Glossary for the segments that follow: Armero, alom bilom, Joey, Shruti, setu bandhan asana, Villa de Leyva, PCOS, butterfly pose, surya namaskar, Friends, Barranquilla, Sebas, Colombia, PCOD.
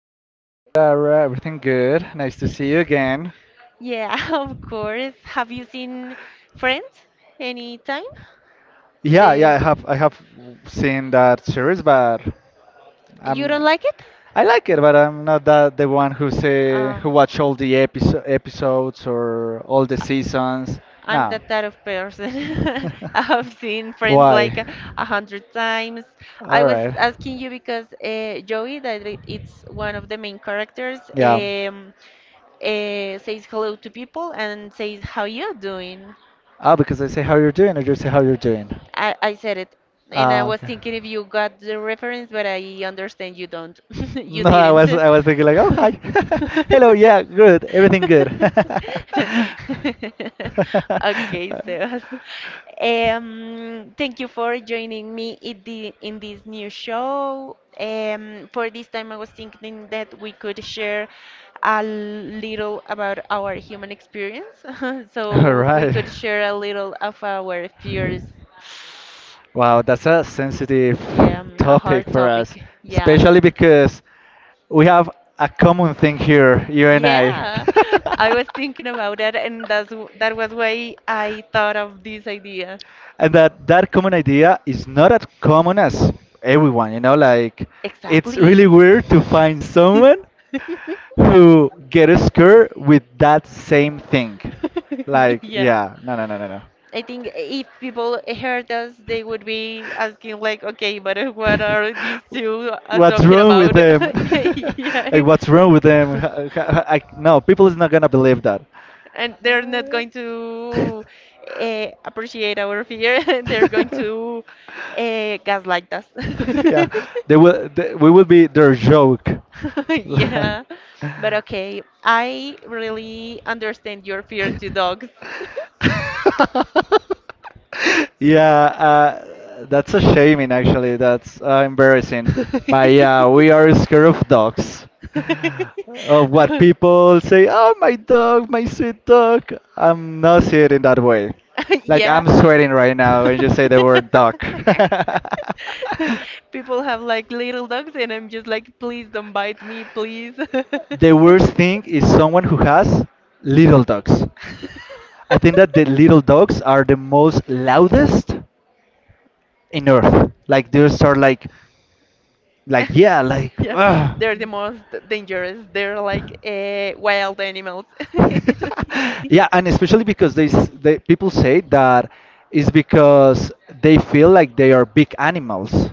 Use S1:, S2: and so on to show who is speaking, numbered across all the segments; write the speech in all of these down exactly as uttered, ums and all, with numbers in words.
S1: doing?
S2: Hi Laura, everything good? Nice to see you again.
S1: Yeah, of course. Have you seen Friends any time?
S2: Yeah, yeah,
S1: The
S2: I have I have seen that series, but
S1: You
S2: I'm
S1: don't like it?
S2: I like it, but I'm not that the one who say
S1: Oh.
S2: who watch all the episo- episodes or all the seasons.
S1: I'm
S2: No.
S1: that type of person. I have seen Friends like
S2: Why?
S1: a a hundred times. I
S2: All
S1: was
S2: right.
S1: asking you because uh, Joey, that i- it's one of the main characters,
S2: Yeah.
S1: um, uh, says hello to people and says, "How you doing?"
S2: Ah, because I say how you're doing, or you say how you're doing.
S1: I, I said it, and I
S2: Ah,
S1: was
S2: okay.
S1: thinking if you got the reference, but I understand you don't. You
S2: No, I
S1: didn't.
S2: was
S1: Okay,
S2: I was thinking like, oh hi, hello, yeah, good, everything good.
S1: Sebas. Um, thank you for joining me in, the, in this new show. Um, for this time, I was thinking that we could share a little about our human experience,
S2: All
S1: so we
S2: right.
S1: could share a little of our fears.
S2: Wow, that's a sensitive
S1: Yeah, mm, a
S2: topic
S1: hard
S2: for us,
S1: topic. Yeah.
S2: especially because we have a common thing here, you and I.
S1: Yeah, I was thinking about that, and that's w- that was why I thought of this idea.
S2: And that that common idea is not as common as everyone, you know, like it's really
S1: Exactly.
S2: weird to find someone who get scared with that same thing. Like,
S1: Yeah.
S2: yeah, no, no, no, no, no.
S1: I think if people heard us, they would be asking like, okay, but uh, what are these two uh,
S2: What's
S1: talking
S2: wrong with
S1: about?
S2: them? Like,
S1: Yeah.
S2: what's wrong with them? Ha- ha- ha- I, no, people is not gonna believe that.
S1: And they're not going to uh, appreciate our fear. They're going to uh, gaslight us.
S2: Yeah, they will. They, we will be their joke.
S1: Yeah. But okay, I really understand your fear to dogs.
S2: Yeah, uh, that's a shaming. Actually, that's uh, embarrassing. But yeah, we are scared of dogs of what people say, oh, my dog, my sweet dog. I'm not seeing it in that way. Like,
S1: Yeah.
S2: I'm sweating right now when you say the word dog.
S1: People have like little dogs, and I'm just like, please don't bite me, please.
S2: The worst thing is someone who has little dogs. I think that the little dogs are the most loudest in earth. Like, they start like like yeah, like
S1: Yeah,
S2: ugh.
S1: they're the most dangerous. They're like uh, wild animals.
S2: Yeah, and especially because they, s- they people say that is because they feel like they are big animals.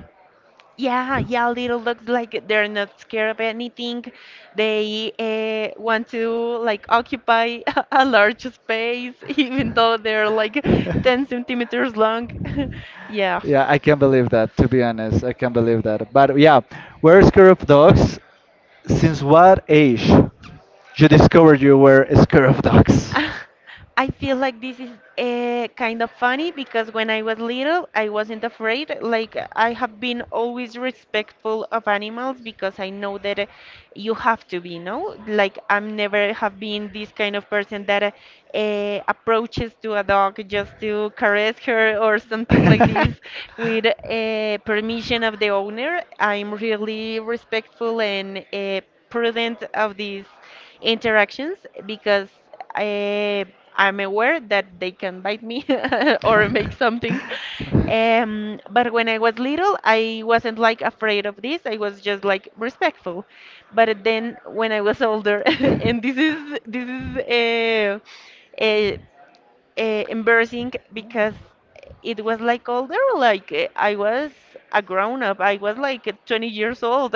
S1: Yeah, yeah, little dogs like they're not scared of anything. They uh, want to like occupy a large space, even though they're like ten centimeters long. Yeah.
S2: Yeah, I can not believe that. To be honest, I can not believe that. But yeah, were scared of dogs? Since what age you discovered you were scared of dogs?
S1: I feel like this is uh, kind of funny because when I was little, I wasn't afraid. Like, I have been always respectful of animals because I know that uh, you have to be, no? Like, I'm never have been this kind of person that uh, uh, approaches to a dog just to caress her or something like this with uh, permission of the owner. I'm really respectful and uh, prudent of these interactions because I, I'm aware that they can bite me or make something. Um, but when I was little, I wasn't like afraid of this. I was just like respectful. But then when I was older, and this is this is uh, uh, uh, embarrassing because it was like older like eh, I was a grown up. I was like twenty years old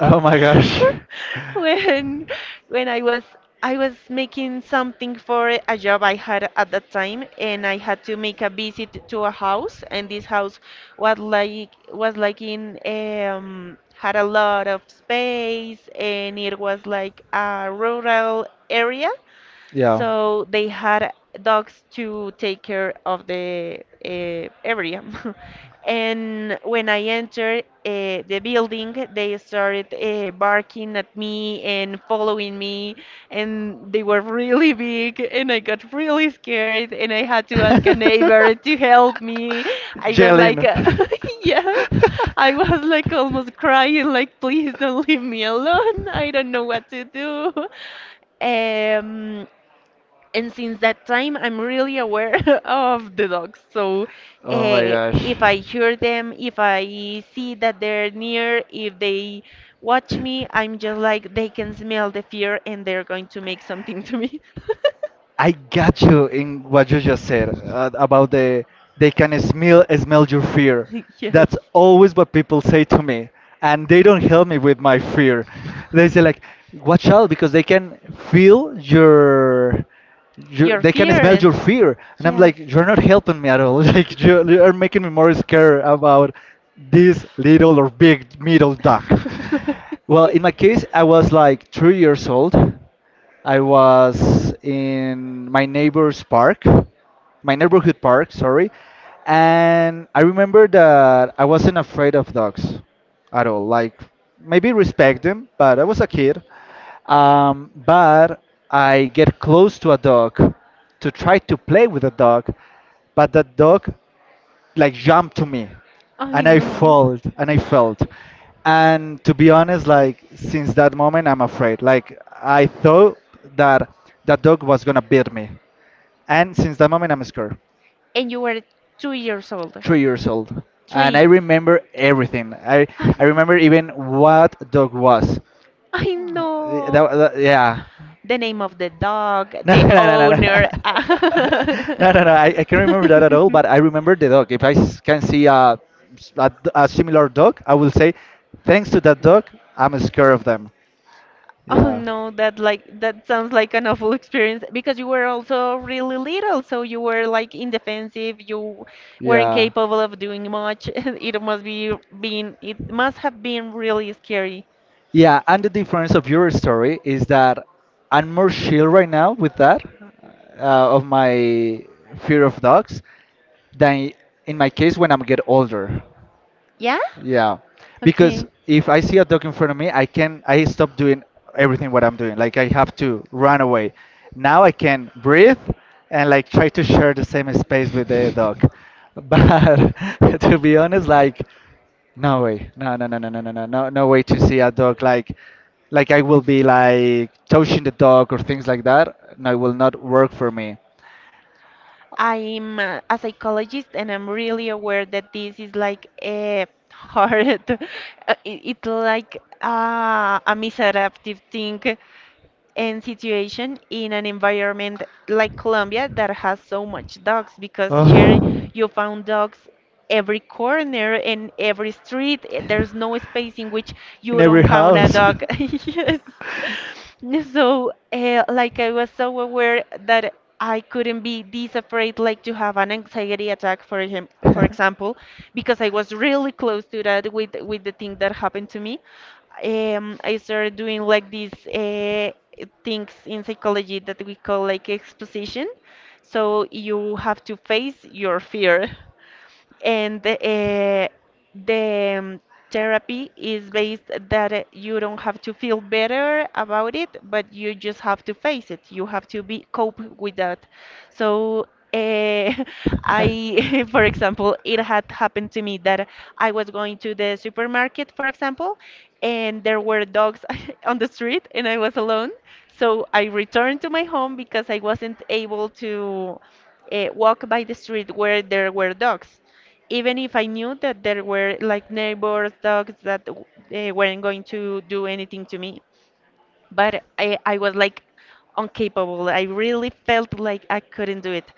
S2: Oh my gosh.
S1: when when i was I was making something for a job I had at that time, and I had to make a visit to a house, and this house was like was like in um had a lot of space, and it was like a rural area,
S2: Yeah.
S1: so they had dogs to take care of the uh, area. And when I entered uh, the building, they started uh, barking at me and following me, and they were really big, and I got really scared, and I had to ask a neighbor to help me. I was like,
S2: Jalen.
S1: uh, yeah, I was like almost crying, like, please don't leave me alone. I don't know what to do. Um, and since that time I'm really aware of the dogs, so
S2: Oh
S1: uh, if I
S2: my
S1: hear them, if
S2: gosh.
S1: I see that they're near, if they watch me, I'm just like they can smell the fear and they're going to make something to me.
S2: I got you in what you just said uh, about the they can smell smell your fear.
S1: Yes,
S2: That's always what people say to me, and they don't help me with my fear. They say like, watch out because they can feel your, your
S1: your
S2: they can smell
S1: fear.
S2: your fear, and I'm
S1: Yes.
S2: like, you're not helping me at all. Like you you are making me more scared about this little or big middle duck. Well, in my case, I was like three years old. I was in my neighbor's park, my neighborhood park, sorry, and I remember that I wasn't afraid of dogs at all. Like maybe respect them, but I was a kid. Um, but I get close to a dog to try to play with a dog, but the dog like jumped to me
S1: I
S2: and I
S1: know.
S2: felt and I felt. And to be honest, like since that moment I'm afraid. Like I thought that that dog was gonna beat me. And since that moment I'm scared.
S1: And you were two years old.
S2: Three years old. And I
S1: Three.
S2: remember everything. I
S1: I,
S2: I remember even what dog was.
S1: I
S2: Uh,
S1: know.
S2: that, that, yeah.
S1: The name of the dog,
S2: No,
S1: the
S2: no, no, no,
S1: owner.
S2: no, no, no, no. I, I can't remember that at all. But I remember the dog. If I s- can see a, s- a d- a similar dog, I will say, thanks to that dog, I'm scared of them.
S1: Oh
S2: Yeah,
S1: no, that, like, that sounds like an awful experience because you were also really little, so you were like indefensive, you weren't
S2: yeah,
S1: capable of doing much. It must be been it must have been really scary.
S2: yeah. And the difference of your story is that I'm more chill right now with that uh, of my fear of dogs than in my case when I'm get older.
S1: Yeah?
S2: Yeah, because
S1: Okay.
S2: if I see a dog in front of me, I can I stop doing everything what I'm doing. Like I have to run away. Now I can breathe and like try to share the same space with the dog. But to be honest, like no way, no no no no no no no no no way to see a dog like like I will be like touching the dog or things like that. No, it will not work for me.
S1: I'm uh, a psychologist, and I'm really aware that this is like a hard, uh, it, it's like uh, a misadaptive thing and situation in an environment like Colombia that has so much dogs because here you found dogs every corner and every street. Eh,
S2: Oh.
S1: there's no space in which
S2: In
S1: you
S2: every
S1: don't found a
S2: house.
S1: dog. Yes. So, uh, like I was so aware that I couldn't be this afraid, like to have an anxiety attack for him, for example, because I was really close to that with with the thing that happened to me. um, I started doing like these uh, things in psychology that we call like exposition. So you have to face your fear and uh, the um, therapy is based that uh, you don't have to feel better about it, but you just have to face it. You have to be cope with that. So uh, I for example, it had happened to me that I was going to the supermarket, for example, and there were dogs on the street and I was alone, so I returned to my home because I wasn't able to uh, walk by the street where there were dogs, even if I knew that there were like neighbors, dogs that w- they weren't going to do anything to me. But I, I was like incapable. I really felt like I couldn't do it.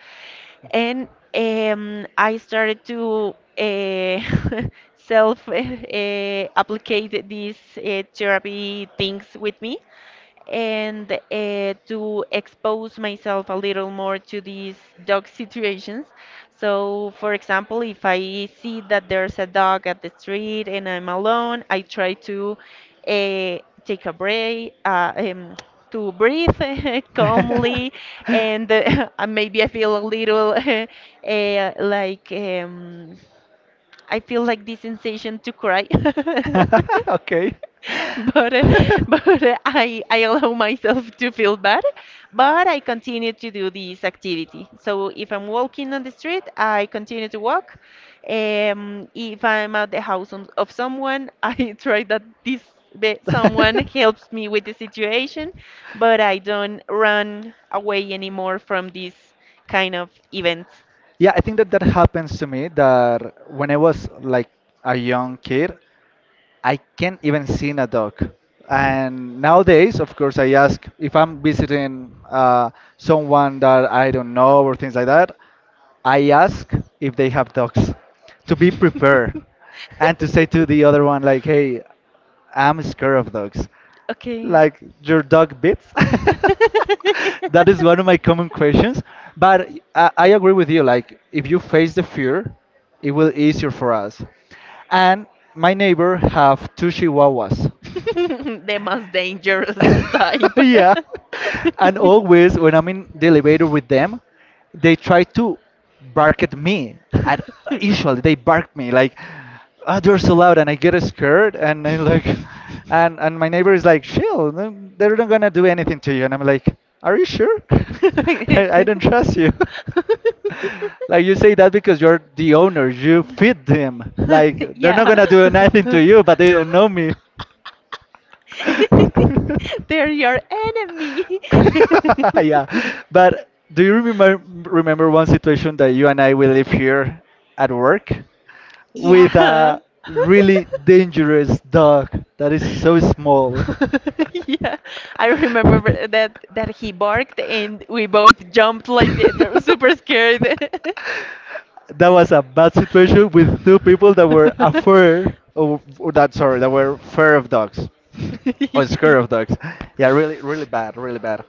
S1: And um, I started to uh, self uh, applicate these uh, therapy things with me, and uh, to expose myself a little more to these dog situations. So, for example, if I see that there's a dog at the street and I'm alone, I try to uh, take a break, uh, um, to breathe calmly, and uh, and maybe I feel a little uh, like um, I feel like this sensation to cry.
S2: Okay.
S1: but uh, but uh, I I allow myself to feel bad, but I continue to do this activity. So if I'm walking on the street, I continue to walk. Um, if I'm at the house of, of someone, I try that this be- someone helps me with the situation, but I don't run away anymore from these kind of events.
S2: Yeah, I think that that happens to me that when I was like a young kid, I can't even see a dog. And nowadays, of course, I ask if I'm visiting uh, someone that I don't know or things like that, I ask if they have dogs to be prepared and to say to the other one, like, hey, I'm scared of dogs
S1: Okay.
S2: like your dog bits? That is one of my common questions. But I, I agree with you. Like, if you face the fear, it will easier for us. And my neighbor have two chihuahuas.
S1: The most dangerous type.
S2: Yeah. And always when I'm in the elevator with them, they try to bark at me. And usually they bark me like, oh, they're so loud, and I get scared. And I like, and and my neighbor is like, chill, no- they're not gonna do anything to you. And I'm like, are you sure? I, I don't trust you. Like you say that because you're the owner, you feed them. Like they're not
S1: Yeah.
S2: gonna do nothing to you, but they don't know me.
S1: They're your enemy.
S2: Yeah, but do you remember remember one situation that you and I we live here at work with
S1: Yeah.
S2: a really dangerous dog that is so small?
S1: Yeah, I remember that that he barked and we both jumped like they- were super scared.
S2: That was a bad situation with two people that were afraid of or that sorry that were fear of dogs. Oh, it's Scared of Dogs. Yeah, really, really bad, really bad.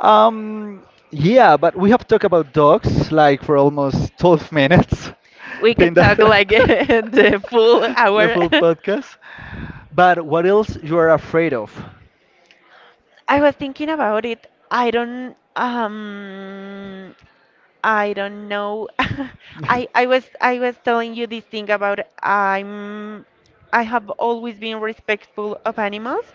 S2: Um, yeah, but we have talked about dogs like for almost twelve minutes.
S1: We
S2: Think
S1: could talk
S2: that
S1: like the full
S2: the
S1: hour.
S2: full podcast. But what else you are afraid of?
S1: I was thinking about it. I don't. Um. I don't know. I I was I was telling you this thing about I'm I have always been respectful of animals,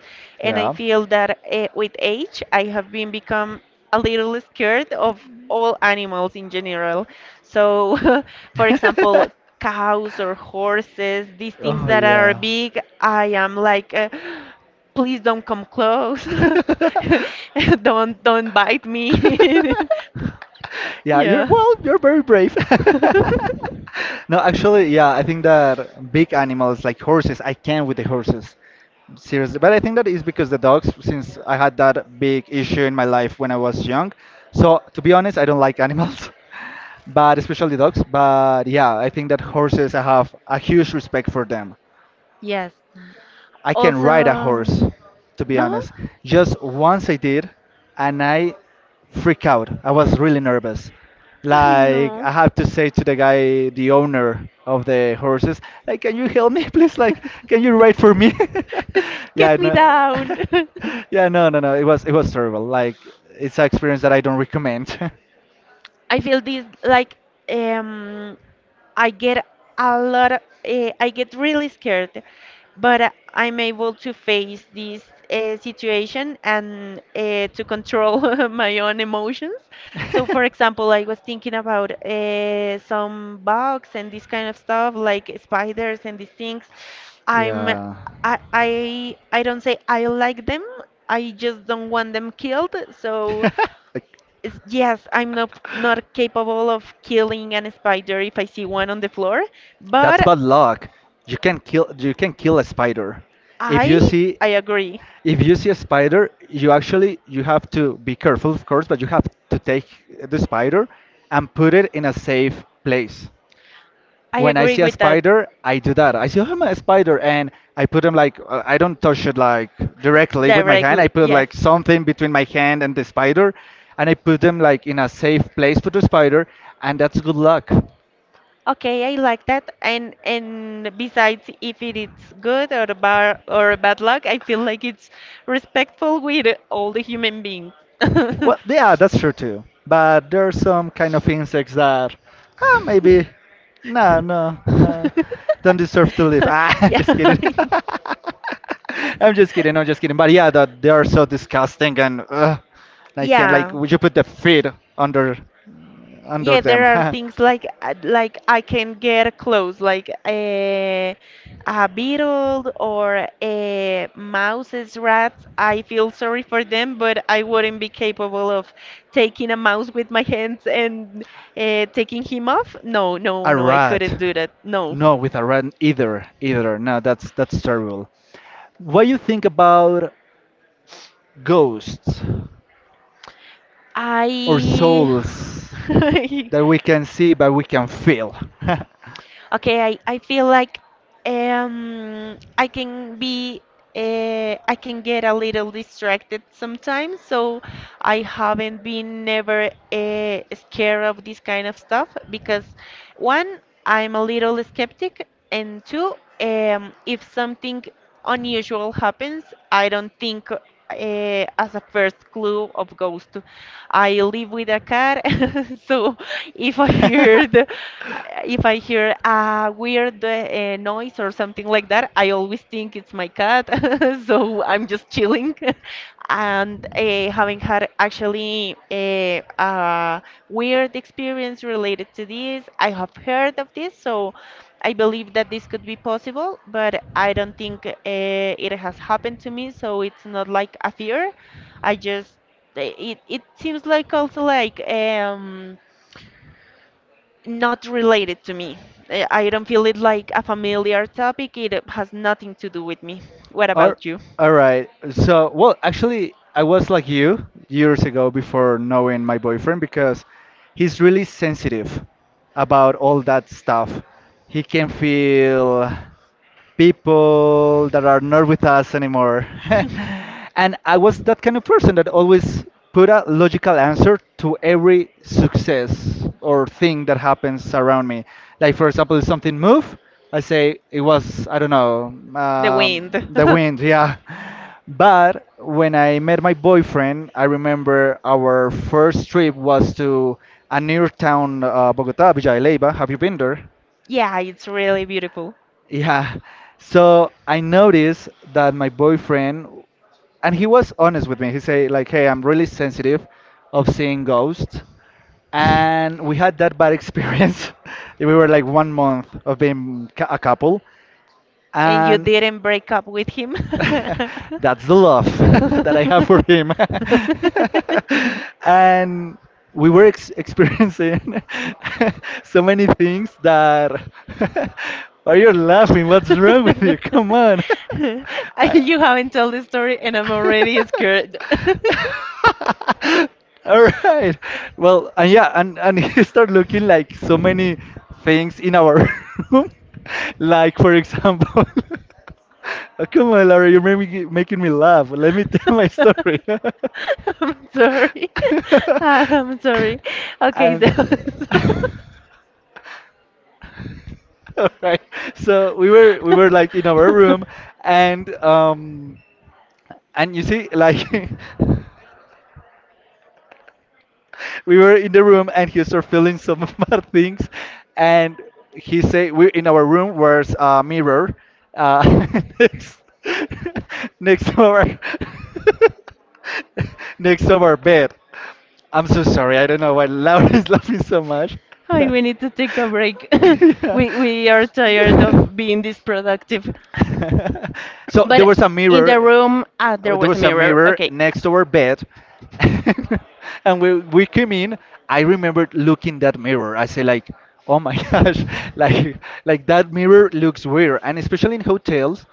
S1: and I
S2: Yeah.
S1: feel that uh, with age I have been become a little scared of all animals in general. So, for example, cows or horses, these things
S2: Oh
S1: that are
S2: yeah.
S1: big, I am like. Uh, please don't come close. Don't don't bite me.
S2: Yeah, you're
S1: Yeah.
S2: well, you're very brave. No, actually, yeah, I think that big animals like horses, I can with the horses. Seriously, but I think that is because the dogs, since I had that big issue in my life when I was young. So, to be honest, I don't like animals, but especially dogs. But yeah, I think that horses, I have a huge respect for them.
S1: Yes.
S2: I can ride a
S1: Also,
S2: horse, to be
S1: no,
S2: honest. Just once I did, and I freak out. I was really nervous.
S1: I
S2: Like I
S1: know.
S2: have to say to the guy, the owner of the horses, like, can you help me, please? Like, can you ride for me? Yeah,
S1: Get me
S2: no,
S1: down.
S2: yeah, no, no, no. It was it was terrible. Like, it's an experience that I don't recommend.
S1: I feel this like um I get a lot of, uh, I get really scared, but uh, I'm able to face this uh, situation and uh, to control my own emotions. So, for example, I was thinking about uh, some bugs and this kind of stuff, like spiders and these things. I'm,
S2: Yeah,
S1: I, I, I don't say I like them. I just don't want them killed. So
S2: like
S1: is- yes, I'm not not capable of killing an spider if I see one on the floor,
S2: that's
S1: but
S2: bad luck. You can kill you can kill a spider if you
S1: I
S2: see
S1: I agree.
S2: if you see a spider you actually you have to be careful of course but you have to take the spider and put it in a safe place
S1: I
S2: when I
S1: agree
S2: see a
S1: with that
S2: spider I do that I see oh, I'm a spider and I put them like uh, I don't touch it like directly with my hand I
S1: directly.
S2: put
S1: Yes.
S2: like something between my hand and the spider and I put them like in a safe place for the spider and that's good luck.
S1: Okay, I like that. And and besides, if it is good or bad or bad luck, I feel like it's respectful with all the human beings.
S2: Well, yeah, that's true too. But there are some kind of insects that, uh, maybe, no, no, no, don't deserve to live. Ah, I'm
S1: Yeah.
S2: just kidding. I'm just kidding. I'm just kidding. But yeah, that they are so disgusting and uh, I can like
S1: Yeah.
S2: would you put the feet under under
S1: Yeah, there
S2: them?
S1: are things like uh, like I can get close like a a beetle or a mouse's rats. I feel sorry for them, but I wouldn't be capable of taking a mouse with my hands and uh, taking him off. No, no,
S2: A
S1: no, I
S2: rat?
S1: couldn't do that. No.
S2: No, with a rat either. Either. No, that's that's terrible. What you think about ghosts or
S1: I
S2: souls? That we can see but we can feel.
S1: Okay, I, I feel like um, I can be uh, I can get a little distracted sometimes, so I haven't been never uh, scared of this kind of stuff because one, I'm a little skeptic, and two, um, if something unusual happens, I don't think uh, as a first clue of ghost. I live with a cat, so if I heard uh, if I hear a weird uh, noise or something like that, I always think it's my cat. So I'm just chilling. And uh, having had actually a, a weird experience related to this, I have heard of this. So I believe that this could be possible, but I don't think uh, it has happened to me. So it's not like a fear. I just uh, it it seems like also like um not related to me. Eh, I don't feel it like a familiar topic. It uh, has nothing to do with me. What
S2: All,
S1: about you?
S2: all right. So, well, actually, I was like you years ago before knowing my boyfriend because he's really sensitive about all that stuff. He can feel people that are not with us anymore. And I was that kind of person that always put a logical answer to every success or thing that happens around me. Like for example, if something move, I say it was I don't know
S1: The wind.
S2: um, the wind, yeah. But when I met my boyfriend, I remember our first trip was to a near town, uh, Bogota, Villa de Leyva. Have you been there?
S1: Yeah, it's really beautiful.
S2: Yeah. So I noticed that my boyfriend, and he was honest with me. He said, like, hey, I'm really sensitive of seeing ghosts. And we had that bad experience. We were like one month of being cou- a couple.
S1: And you
S2: And
S1: didn't break up with him?
S2: that's the love that I have for him. And we were ex experiencing so many things that. Why you're laughing? What's wrong with you? Come on.
S1: I-
S2: I-
S1: you haven't told the story, and I'm already scared.
S2: all right. Well, and yeah, and and he started looking like so many things in our room, like for example. Oh, come on, Laura, you're making making me laugh. Let me tell my story.
S1: I'm sorry. I'm sorry. Okay,
S2: And
S1: so.
S2: all right, so we were we were like in our room, and um. And you see, like, we were in the room and he started feeling some of my things. And he say, we in our room was a mirror uh, next, next to our next to our bed. I'm so sorry. I don't know why Laura is laughing so much.
S1: Hi, we need to take a break.
S2: Yeah.
S1: we we are tired of being this productive.
S2: so there
S1: But
S2: was a
S1: in the
S2: mirror,
S1: room, ah,
S2: uh,
S1: there
S2: there
S1: was a
S2: was a
S1: mirror.
S2: mirror
S1: Okay.
S2: next to our bed, and we we came in. I remembered looking that mirror, I say like, oh my gosh, like like that mirror looks weird, and especially in hotels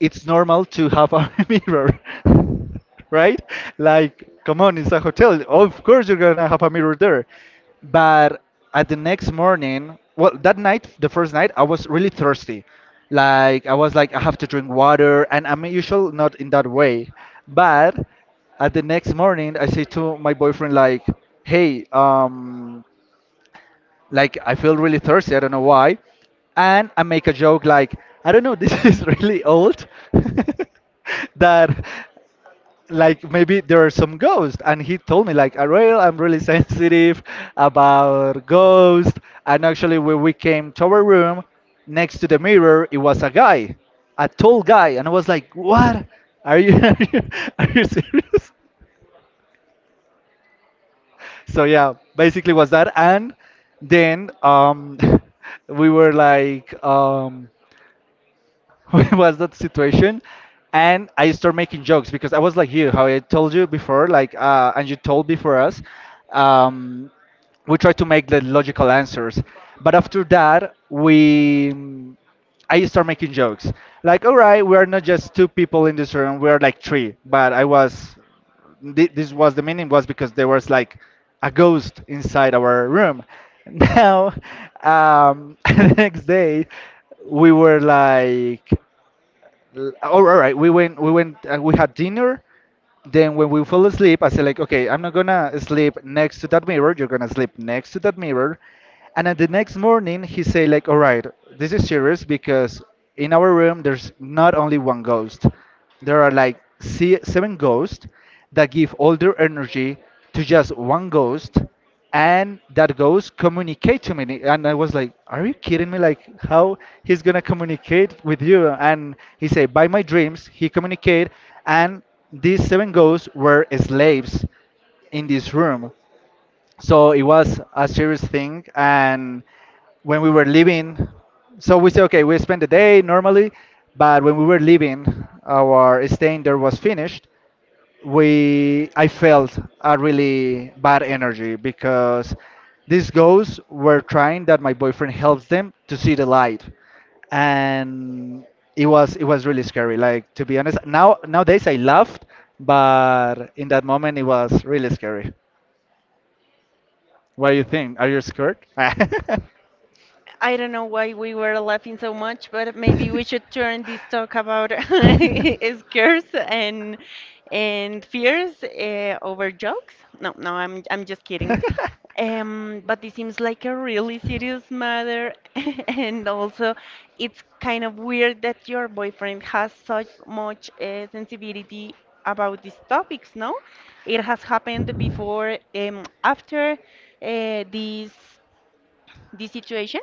S2: it's normal to have a mirror, right? Like, come on, it's a hotel. Of course, you're gonna have a mirror there. But at the next morning, well, that night, the first night, I was really thirsty. Like, I was like, I have to drink water, and I'm usual not in that way. But at the next morning, I say to my boyfriend, like, hey, um, like I feel really thirsty. I don't know why, and I make a joke like, I don't know. This is really old. that, like maybe there are some ghosts. And he told me like, Ariel, I'm really sensitive about ghosts. And actually, when we came to our room, next to the mirror, it was a guy, a tall guy, and I was like, what? Are you are you, are you serious? So yeah, basically was that, and then um, we were like, um, what was that situation? And I started making jokes because I was like you, how I told you before, like, uh, and you told before us, um, we tried to make the logical answers, but after that we I start making jokes. Like, all right, we are not just two people in this room. We are like three. But I was, thi- this was the meaning was because there was like a ghost inside our room. Now, um, the next day, we were like. L- Oh, all right. We went. We went. Uh, we had dinner. Then when we fell asleep, I said like, okay, I'm not gonna sleep next to that mirror. You're gonna sleep next to that mirror. And then the next morning, he said like, all right, this is serious because in our room there's not only one ghost. There are like se- seven ghosts that give all their energy to just one ghost, and that goes communicate to me. And I was like, are you kidding me? Like how he's gonna communicate with you? And he said by my dreams he communicate. And these seven ghosts were slaves in this room. So it was a serious thing. And when we were leaving, so we said okay, we spent the day normally, but when we were leaving, our staying there was finished, we I felt a really bad energy because these ghosts were trying that my boyfriend helps them to see the light. And it was it was really scary. Like, to be honest, now nowadays I laughed, but in that moment it was really scary. What do you think? Are you scared?
S1: I don't know why we were laughing so much, but maybe we should turn this talk about scares and and fears uh, over jokes. No, no, I'm I'm just kidding. Um, but this seems like a really serious matter, and also it's kind of weird that your boyfriend has such much uh, sensibility about these topics, no? It has happened before, um, after uh, this this situation.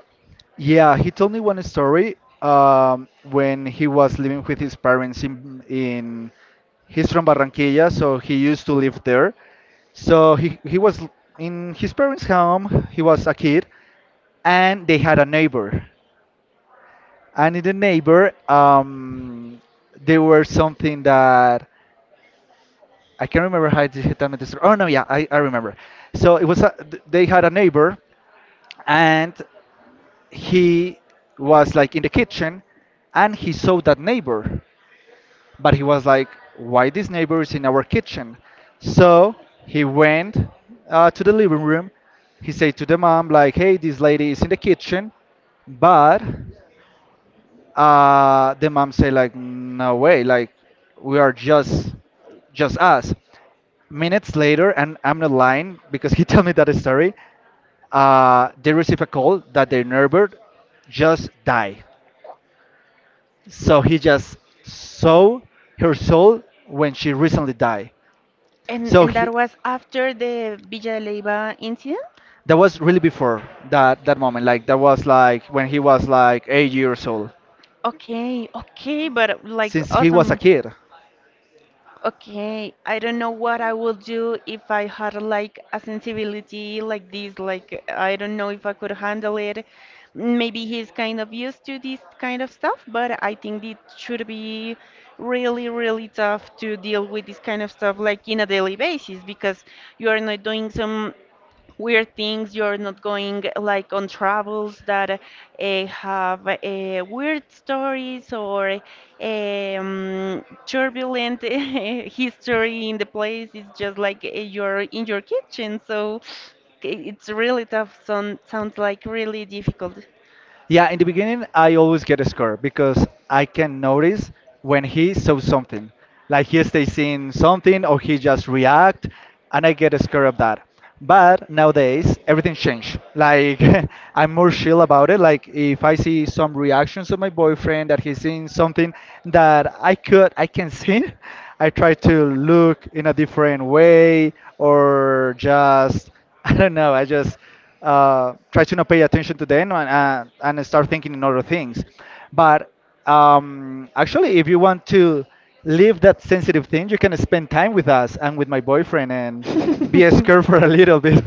S2: Yeah, he told me one story, um, when he was living with his parents in in he's from Barranquilla, so he used to live there. So he he was l- in his parents' home. He was a kid, and they had a neighbor. And in the neighbor, um, there were something that I can't remember how it hit on the story. Oh no, yeah, I, I remember. So it was a, th- they had a neighbor, and he was like in the kitchen, and he saw that neighbor, but he was like, why this neighbor is in our kitchen? So he went uh, to the living room. He said to the mom like, hey, this lady is in the kitchen. But uh, the mom said like, no way, like we are just just us. Minutes later, and I'm not lying because he told me that story, uh, they receive a call that their neighbor just died. So he just saw her soul when she recently died.
S1: And
S2: So
S1: and
S2: he,
S1: that was after the Villa de Leyva incident?
S2: that was really before that that moment. Like that was like when he was like eight years old,
S1: Okay, okay, but like
S2: since he was a
S1: awesome.
S2: kid.
S1: Okay, I don't know what I would do if I had like a sensibility like this. Like I don't know if I could handle it. Maybe he's kind of used to this kind of stuff, but I think it should be really, really tough to deal with this kind of stuff like in a daily basis because you are not doing some weird things. You're not going like on travels that uh, have uh, weird stories or um, turbulent history in the place. It's just like uh, you're in your kitchen. So i- it's really tough. Sound, sounds like really difficult.
S2: Yeah, in the beginning, I always get a score because I can notice when he saw something. Like he stays seeing something or he just react, and I get a score of that. But nowadays, everything changed. Like, I'm more chill about it. Like if I see some reactions of my boyfriend that he's seeing something that I could, I can see, I try to look in a different way, or just, I don't know, I just uh, try to not pay attention to them, and, uh, and start thinking in other things. But um, actually, if you want to leave that sensitive thing, you can spend time with us and with my boyfriend and be scared for a little bit.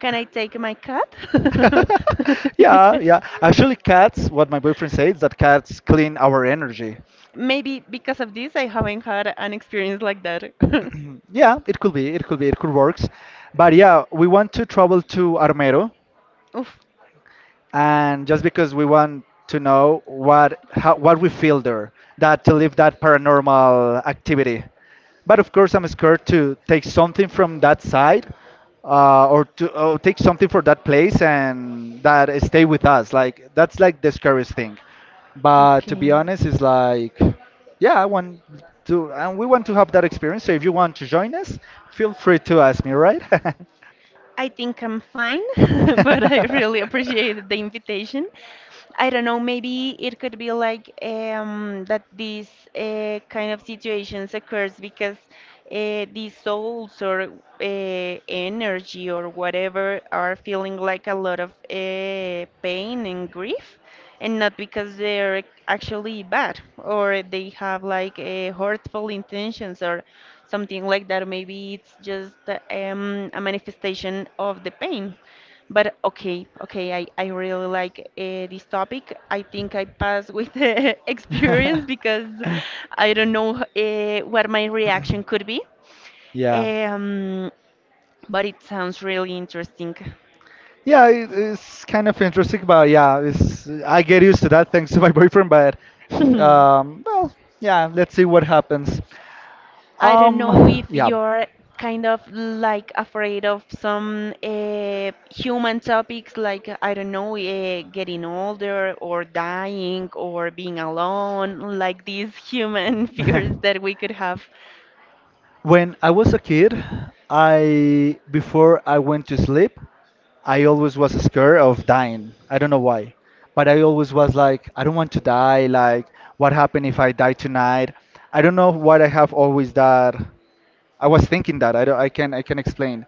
S1: Can I take my cat?
S2: yeah, yeah. Actually, cats, what my boyfriend says, that cats clean our energy.
S1: Maybe because of this, I haven't had an experience like that.
S2: yeah, it could be, it could be, it could works. But yeah, we want to travel to Armero,
S1: Oof.
S2: and just because we want to know what how, what we feel there, that to live that paranormal activity. But of course, I'm scared to take something from that side, uh, or to or take something for that place and that stay with us. Like that's like the scariest thing. But to be
S1: Okay.
S2: honest, it's like, yeah, I want to, and we want to have that experience. So if you want to join us, feel free to ask me, right?
S1: I think I'm fine, but I really appreciate the invitation. I don't know, maybe it could be like um, that these uh, kind of situations occurs because uh, these souls or uh, energy or whatever are feeling like a lot of uh, pain and grief. And not because they're actually bad or they have like a hurtful intentions or something like that. Maybe it's just um, a manifestation of the pain. But okay, okay, I, I really like uh, this topic. I think I pass with the experience because I don't know uh, what my reaction could be.
S2: yeah.
S1: Um, but it sounds really interesting.
S2: Yeah, it- it's kind of interesting, but yeah, it's I get used to that thanks to my boyfriend. But um, well, yeah, let's see what happens.
S1: I don't know if
S2: Um, yeah.
S1: you're kind of like afraid of some uh, human topics, like I don't know, uh, getting older or dying or being alone, like these human fears that we could have.
S2: When I was a kid, I before I went to sleep, I always was scared of dying. I don't know why, but I always was like, I don't want to die. Like, what happened if I die tonight? I don't know why I have always that. I was thinking that. I don't, I can I can explain.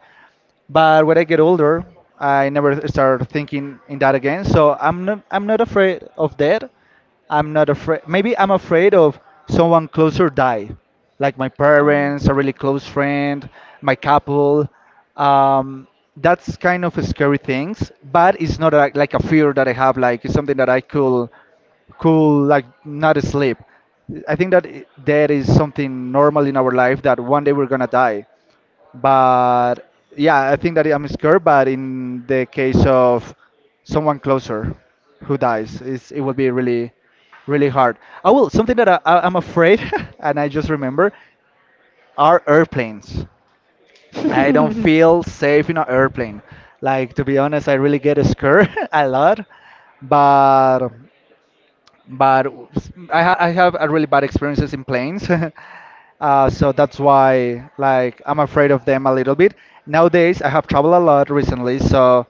S2: But when I get older, I never start thinking in that again. So I'm not I'm not afraid of death. I'm not afraid. Maybe I'm afraid of someone closer die, like my
S1: Um.
S2: parents, a really close friend, my couple. Um, that's kind of scary things, but it's not like, like a fear that I have. Like it's something that I could, could like not sleep. I think that i- there is something normal in our life that one day we're gonna die. But yeah, I think that I'm scared. But in the case of someone closer who dies, it's, it would be really really hard. Oh well, something that I, I, I'm afraid, and I just remember, are airplanes. I don't feel safe in an airplane. Like, to be honest, I really get scared a lot. But but s- I, ha- I have a really bad experiences in planes. Uh, so that's why, like, I'm afraid of them a little bit. Nowadays, I have traveled a lot recently, so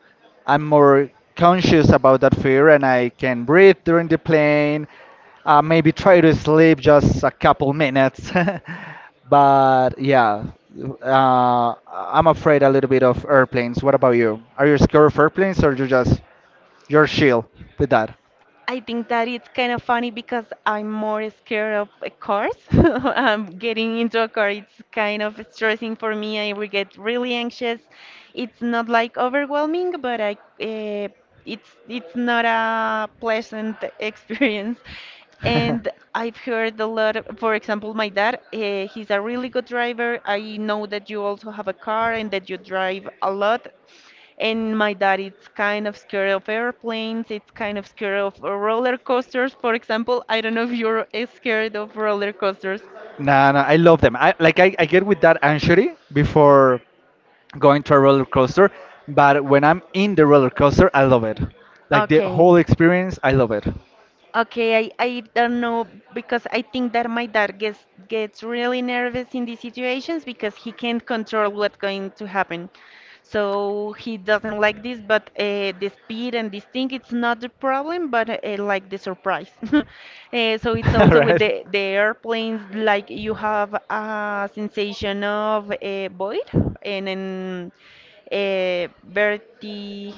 S2: I'm more conscious about that fear, and I can breathe during the plane. Uh, maybe try to sleep just a couple minutes. But yeah, uh, I'm afraid a little bit of airplanes. What about you? Are you scared of airplanes, or you just you're chill with that?
S1: I think that it's kind of funny because I'm more scared of a cars. Um, getting into a car, it's kind of stressing for me. I will get really anxious. It's not like overwhelming, but I uh, it's it's not a pleasant experience. And I've heard a lot of, for example, my dad, uh, he's a really good driver. I know that you also have a car and that you drive a lot. And my dad is kind of scared of airplanes. It's kind of scared of uh, roller coasters, for example. I don't know if you're uh, scared of roller coasters.
S2: No, no, I love them. I like I, I get with that anxiety before going to a roller coaster, but when I'm in the roller coaster, I love it. Like the
S1: Okay.
S2: whole experience, I love it.
S1: Okay, I, I don't know because I think that my dad gets gets really nervous in these situations because he can't control what's going to happen. So he doesn't like this, but uh, the speed and this thing, it's not the problem, but uh, like the surprise. uh, so it's also with
S2: Right?
S1: the, the airplanes, like you have a sensation of uh, void and then uh, verti.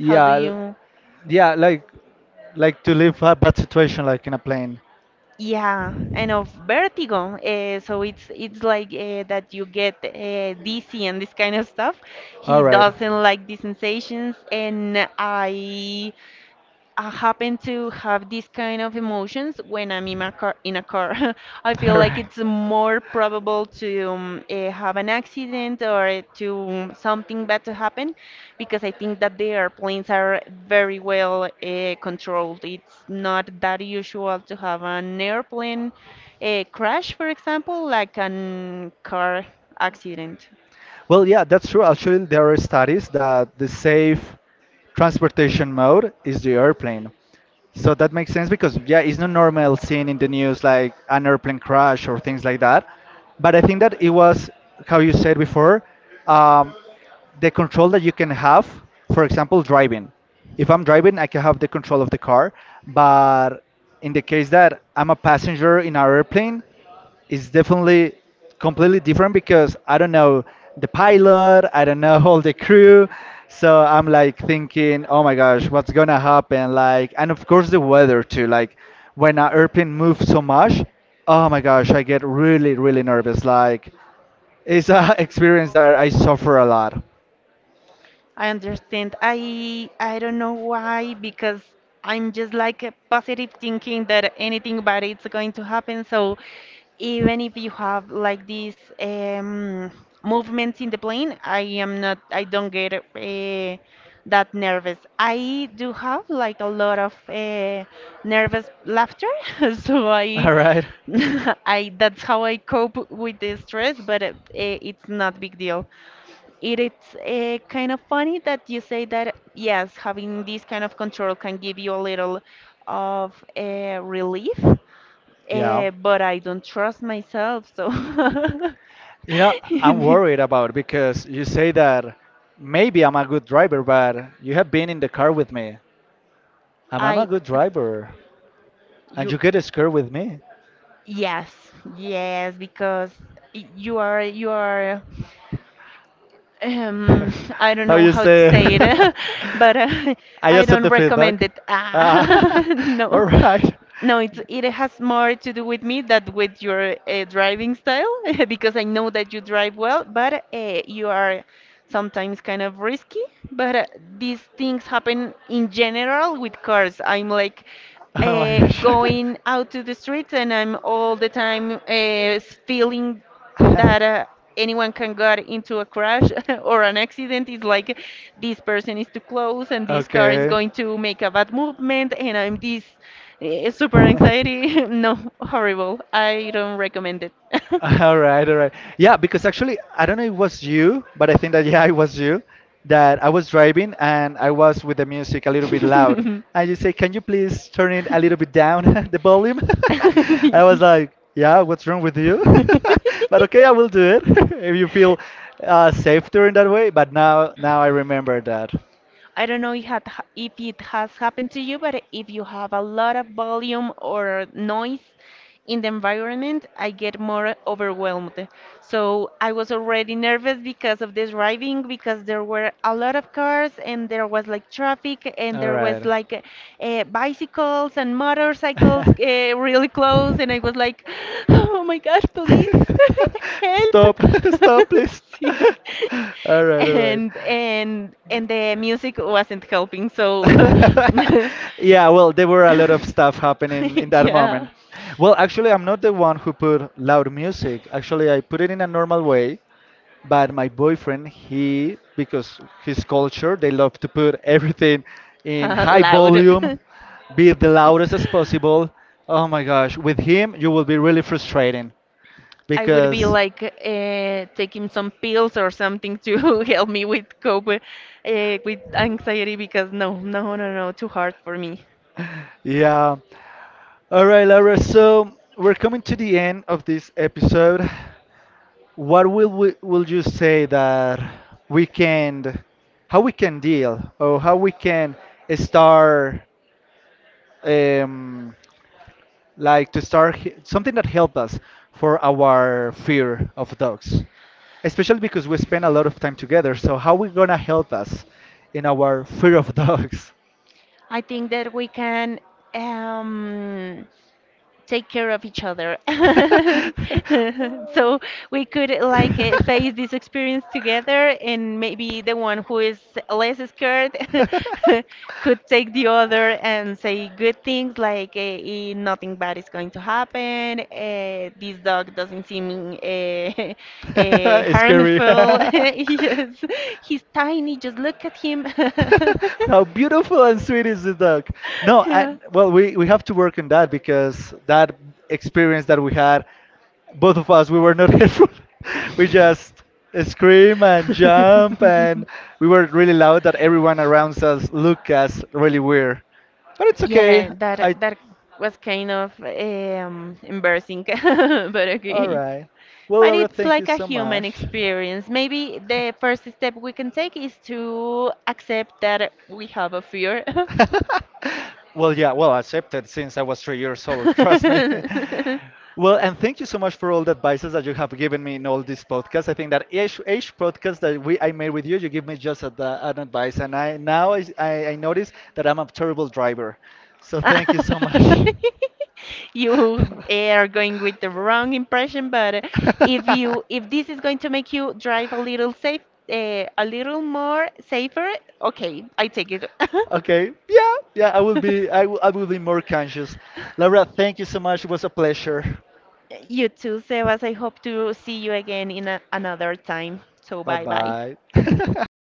S1: How do
S2: l-
S1: you?
S2: yeah, like like to live a bad situation like in a plane.
S1: Yeah, and of vertigo. Uh, so it's it's like uh, that you get uh, dizzy and this kind of stuff.
S2: All
S1: He
S2: right.
S1: doesn't like these sensations, and I I happen to have these kind of emotions when I'm in a car. In a car, I
S2: All
S1: feel like
S2: right.
S1: it's more probable to um, eh, have an accident or to um, something bad to happen, because I think that the airplanes are very well uh, controlled. It's not that usual to have an airplane uh, crash, for example, like an car accident.
S2: Well, yeah, that's true. Actually, there are studies that the safe transportation mode is the airplane. So that makes sense because, yeah, it's not normal seeing in the news like an airplane crash or things like that. But I think that it was, how you said before, um, the control that you can have, for example, driving. If I'm driving, I can have the control of the car. But in the case that I'm a passenger in an airplane, it's definitely completely different because I don't know the pilot, I don't know all the crew. So I'm like thinking, oh my gosh, what's gonna happen? Like, and of course the weather too. Like, when an airplane moves so much, oh my gosh, I get really, really nervous. Like, it's a experience that I suffer a lot.
S1: I understand. I I don't know why because I'm just like a positive thinking that anything bad is going to happen. So even if you have like these um, movements in the plane, I am not. I don't get uh, that nervous. I do have like a lot of uh, nervous laughter, so I.
S2: All right.
S1: I that's how I cope with the stress, but uh, eh, it's not big deal. It is uh, kind of funny that you say that, yes, having this kind of control can give you a little of uh, relief,
S2: Yeah.
S1: uh, but I don't trust myself, so
S2: You know, I'm worried about because you say that maybe I'm a good driver, but you have been in the car with me. Am I a
S1: I
S2: good driver? And
S1: you.
S2: you get scared with me.
S1: Yes, yes, because y- you are you are um, I don't
S2: How
S1: know
S2: you
S1: how to
S2: say?
S1: say it,
S2: It?
S1: but uh,
S2: I
S1: I
S2: accept
S1: don't
S2: the feedback.
S1: recommend it. Ah,
S2: Ah, all
S1: no,
S2: right.
S1: no, it it has more to do with me than with your uh, driving style because I know that you drive well, but uh, you are sometimes kind of risky. But uh, these things happen in general with cars. I'm like
S2: Oh my
S1: uh,
S2: gosh.
S1: going out to the streets and I'm all the time uh, feeling that uh, anyone can get into a crash or an accident. It's like this person is too close and this car is
S2: Okay.
S1: going to make a bad movement and I'm this eh, super anxiety. no, horrible. I don't recommend it.
S2: All right, all right. Yeah, because actually, I don't know if it was you, but I think that yeah, it was you that I was driving and I was with the music a little bit loud. And you say, "Can you please turn it a little bit down, the volume?" I was like, "Yeah, what's wrong with you?" But okay, I will do it if you feel uh, safe doing that way. But now, now I remember that.
S1: I don't know if had if it has happened to you, but if you have a lot of volume or noise in the environment, I get more overwhelmed. So I was already nervous because of this driving, because there were a lot of cars and there was like traffic and
S2: All
S1: there was
S2: right.
S1: like uh, bicycles and motorcycles uh, really close, and I was like, oh my gosh, please help.
S2: Stop, stop, please.
S1: Sí,
S2: All right, all right.
S1: and and and the music wasn't helping, so yeah.
S2: Yeah, well, there were a lot of stuff happening in that
S1: yeah,
S2: moment. Well, actually, I'm not the one who put loud music. Actually, I put it in a normal way, but my boyfriend, he, because his culture, they love to put everything in
S1: uh,
S2: high
S1: loud.
S2: volume, be the loudest as possible. Oh my gosh, with him, you will be really frustrating
S1: I would be
S2: because,
S1: like uh, taking some pills or something to help me with cope uh, with anxiety because no, no, no, no, too hard for me.
S2: yeah. All right, Laura, so we're coming to the end of this episode. what will we, will you say that we can how we can deal or how we can start um, like to start he- something that help us for our fear of dogs, especially because we spend a lot of time together. So how we gonna help us in our fear of dogs?
S1: I think that we can. Um, Take care of each other, so we could like eh, face this experience together and maybe the one who is less scared could take the other and say good things like eh, eh, nothing bad is going to happen, uh, this dog doesn't seem uh, uh,
S2: it's scary.
S1: harmful, yes, he's tiny, just look at him.
S2: How beautiful and sweet is the dog? No,
S1: yeah.
S2: and well, we, we have to work on that because that experience that we had, both
S1: Both
S2: of
S1: of us,
S2: us, we
S1: we were
S2: were not
S1: nervous
S2: helpful. We
S1: because
S2: just
S1: scream and
S2: scream
S1: shout,
S2: and
S1: and
S2: jump,
S1: we
S2: and we were
S1: were
S2: really
S1: really loud
S2: loud
S1: and
S2: that
S1: everyone
S2: everyone
S1: around
S2: around
S1: us
S2: us looked
S1: looked
S2: us
S1: at
S2: really weird. But
S1: us.
S2: it's okay.
S1: Yeah, that
S2: I
S1: that was kind of um, embarrassing, but
S2: all
S1: okay.
S2: right. Well,
S1: But
S2: Laura,
S1: it's
S2: thank you
S1: like a
S2: so
S1: human
S2: much.
S1: experience. Maybe the first step we can take is to accept that we have a fear.
S2: Well,
S1: Well, yeah,
S2: yeah, well,
S1: well,
S2: I accepted since I was three years old,
S1: acceptance since I
S2: trust me.
S1: was three years old.
S2: Well, and thank you so much for all the advices that you have given me in all these podcasts. I think that each, each podcast that we I made with you, you give me just a, the- an advice, and I now I, I, I notice that I'm a terrible driver. So thank you so much.
S1: you are going with the wrong impression, but uh, if you if this is going to make you drive a little safe uh, a little more safer, okay, I take it.
S2: Okay. Yeah. Yeah. I will be. I will. I will be more conscious. Laura, thank you so much. It was a pleasure.
S1: you too, Sebas, I hope to see you again in a, another time, so
S2: Bye
S1: bye bye.
S2: bye.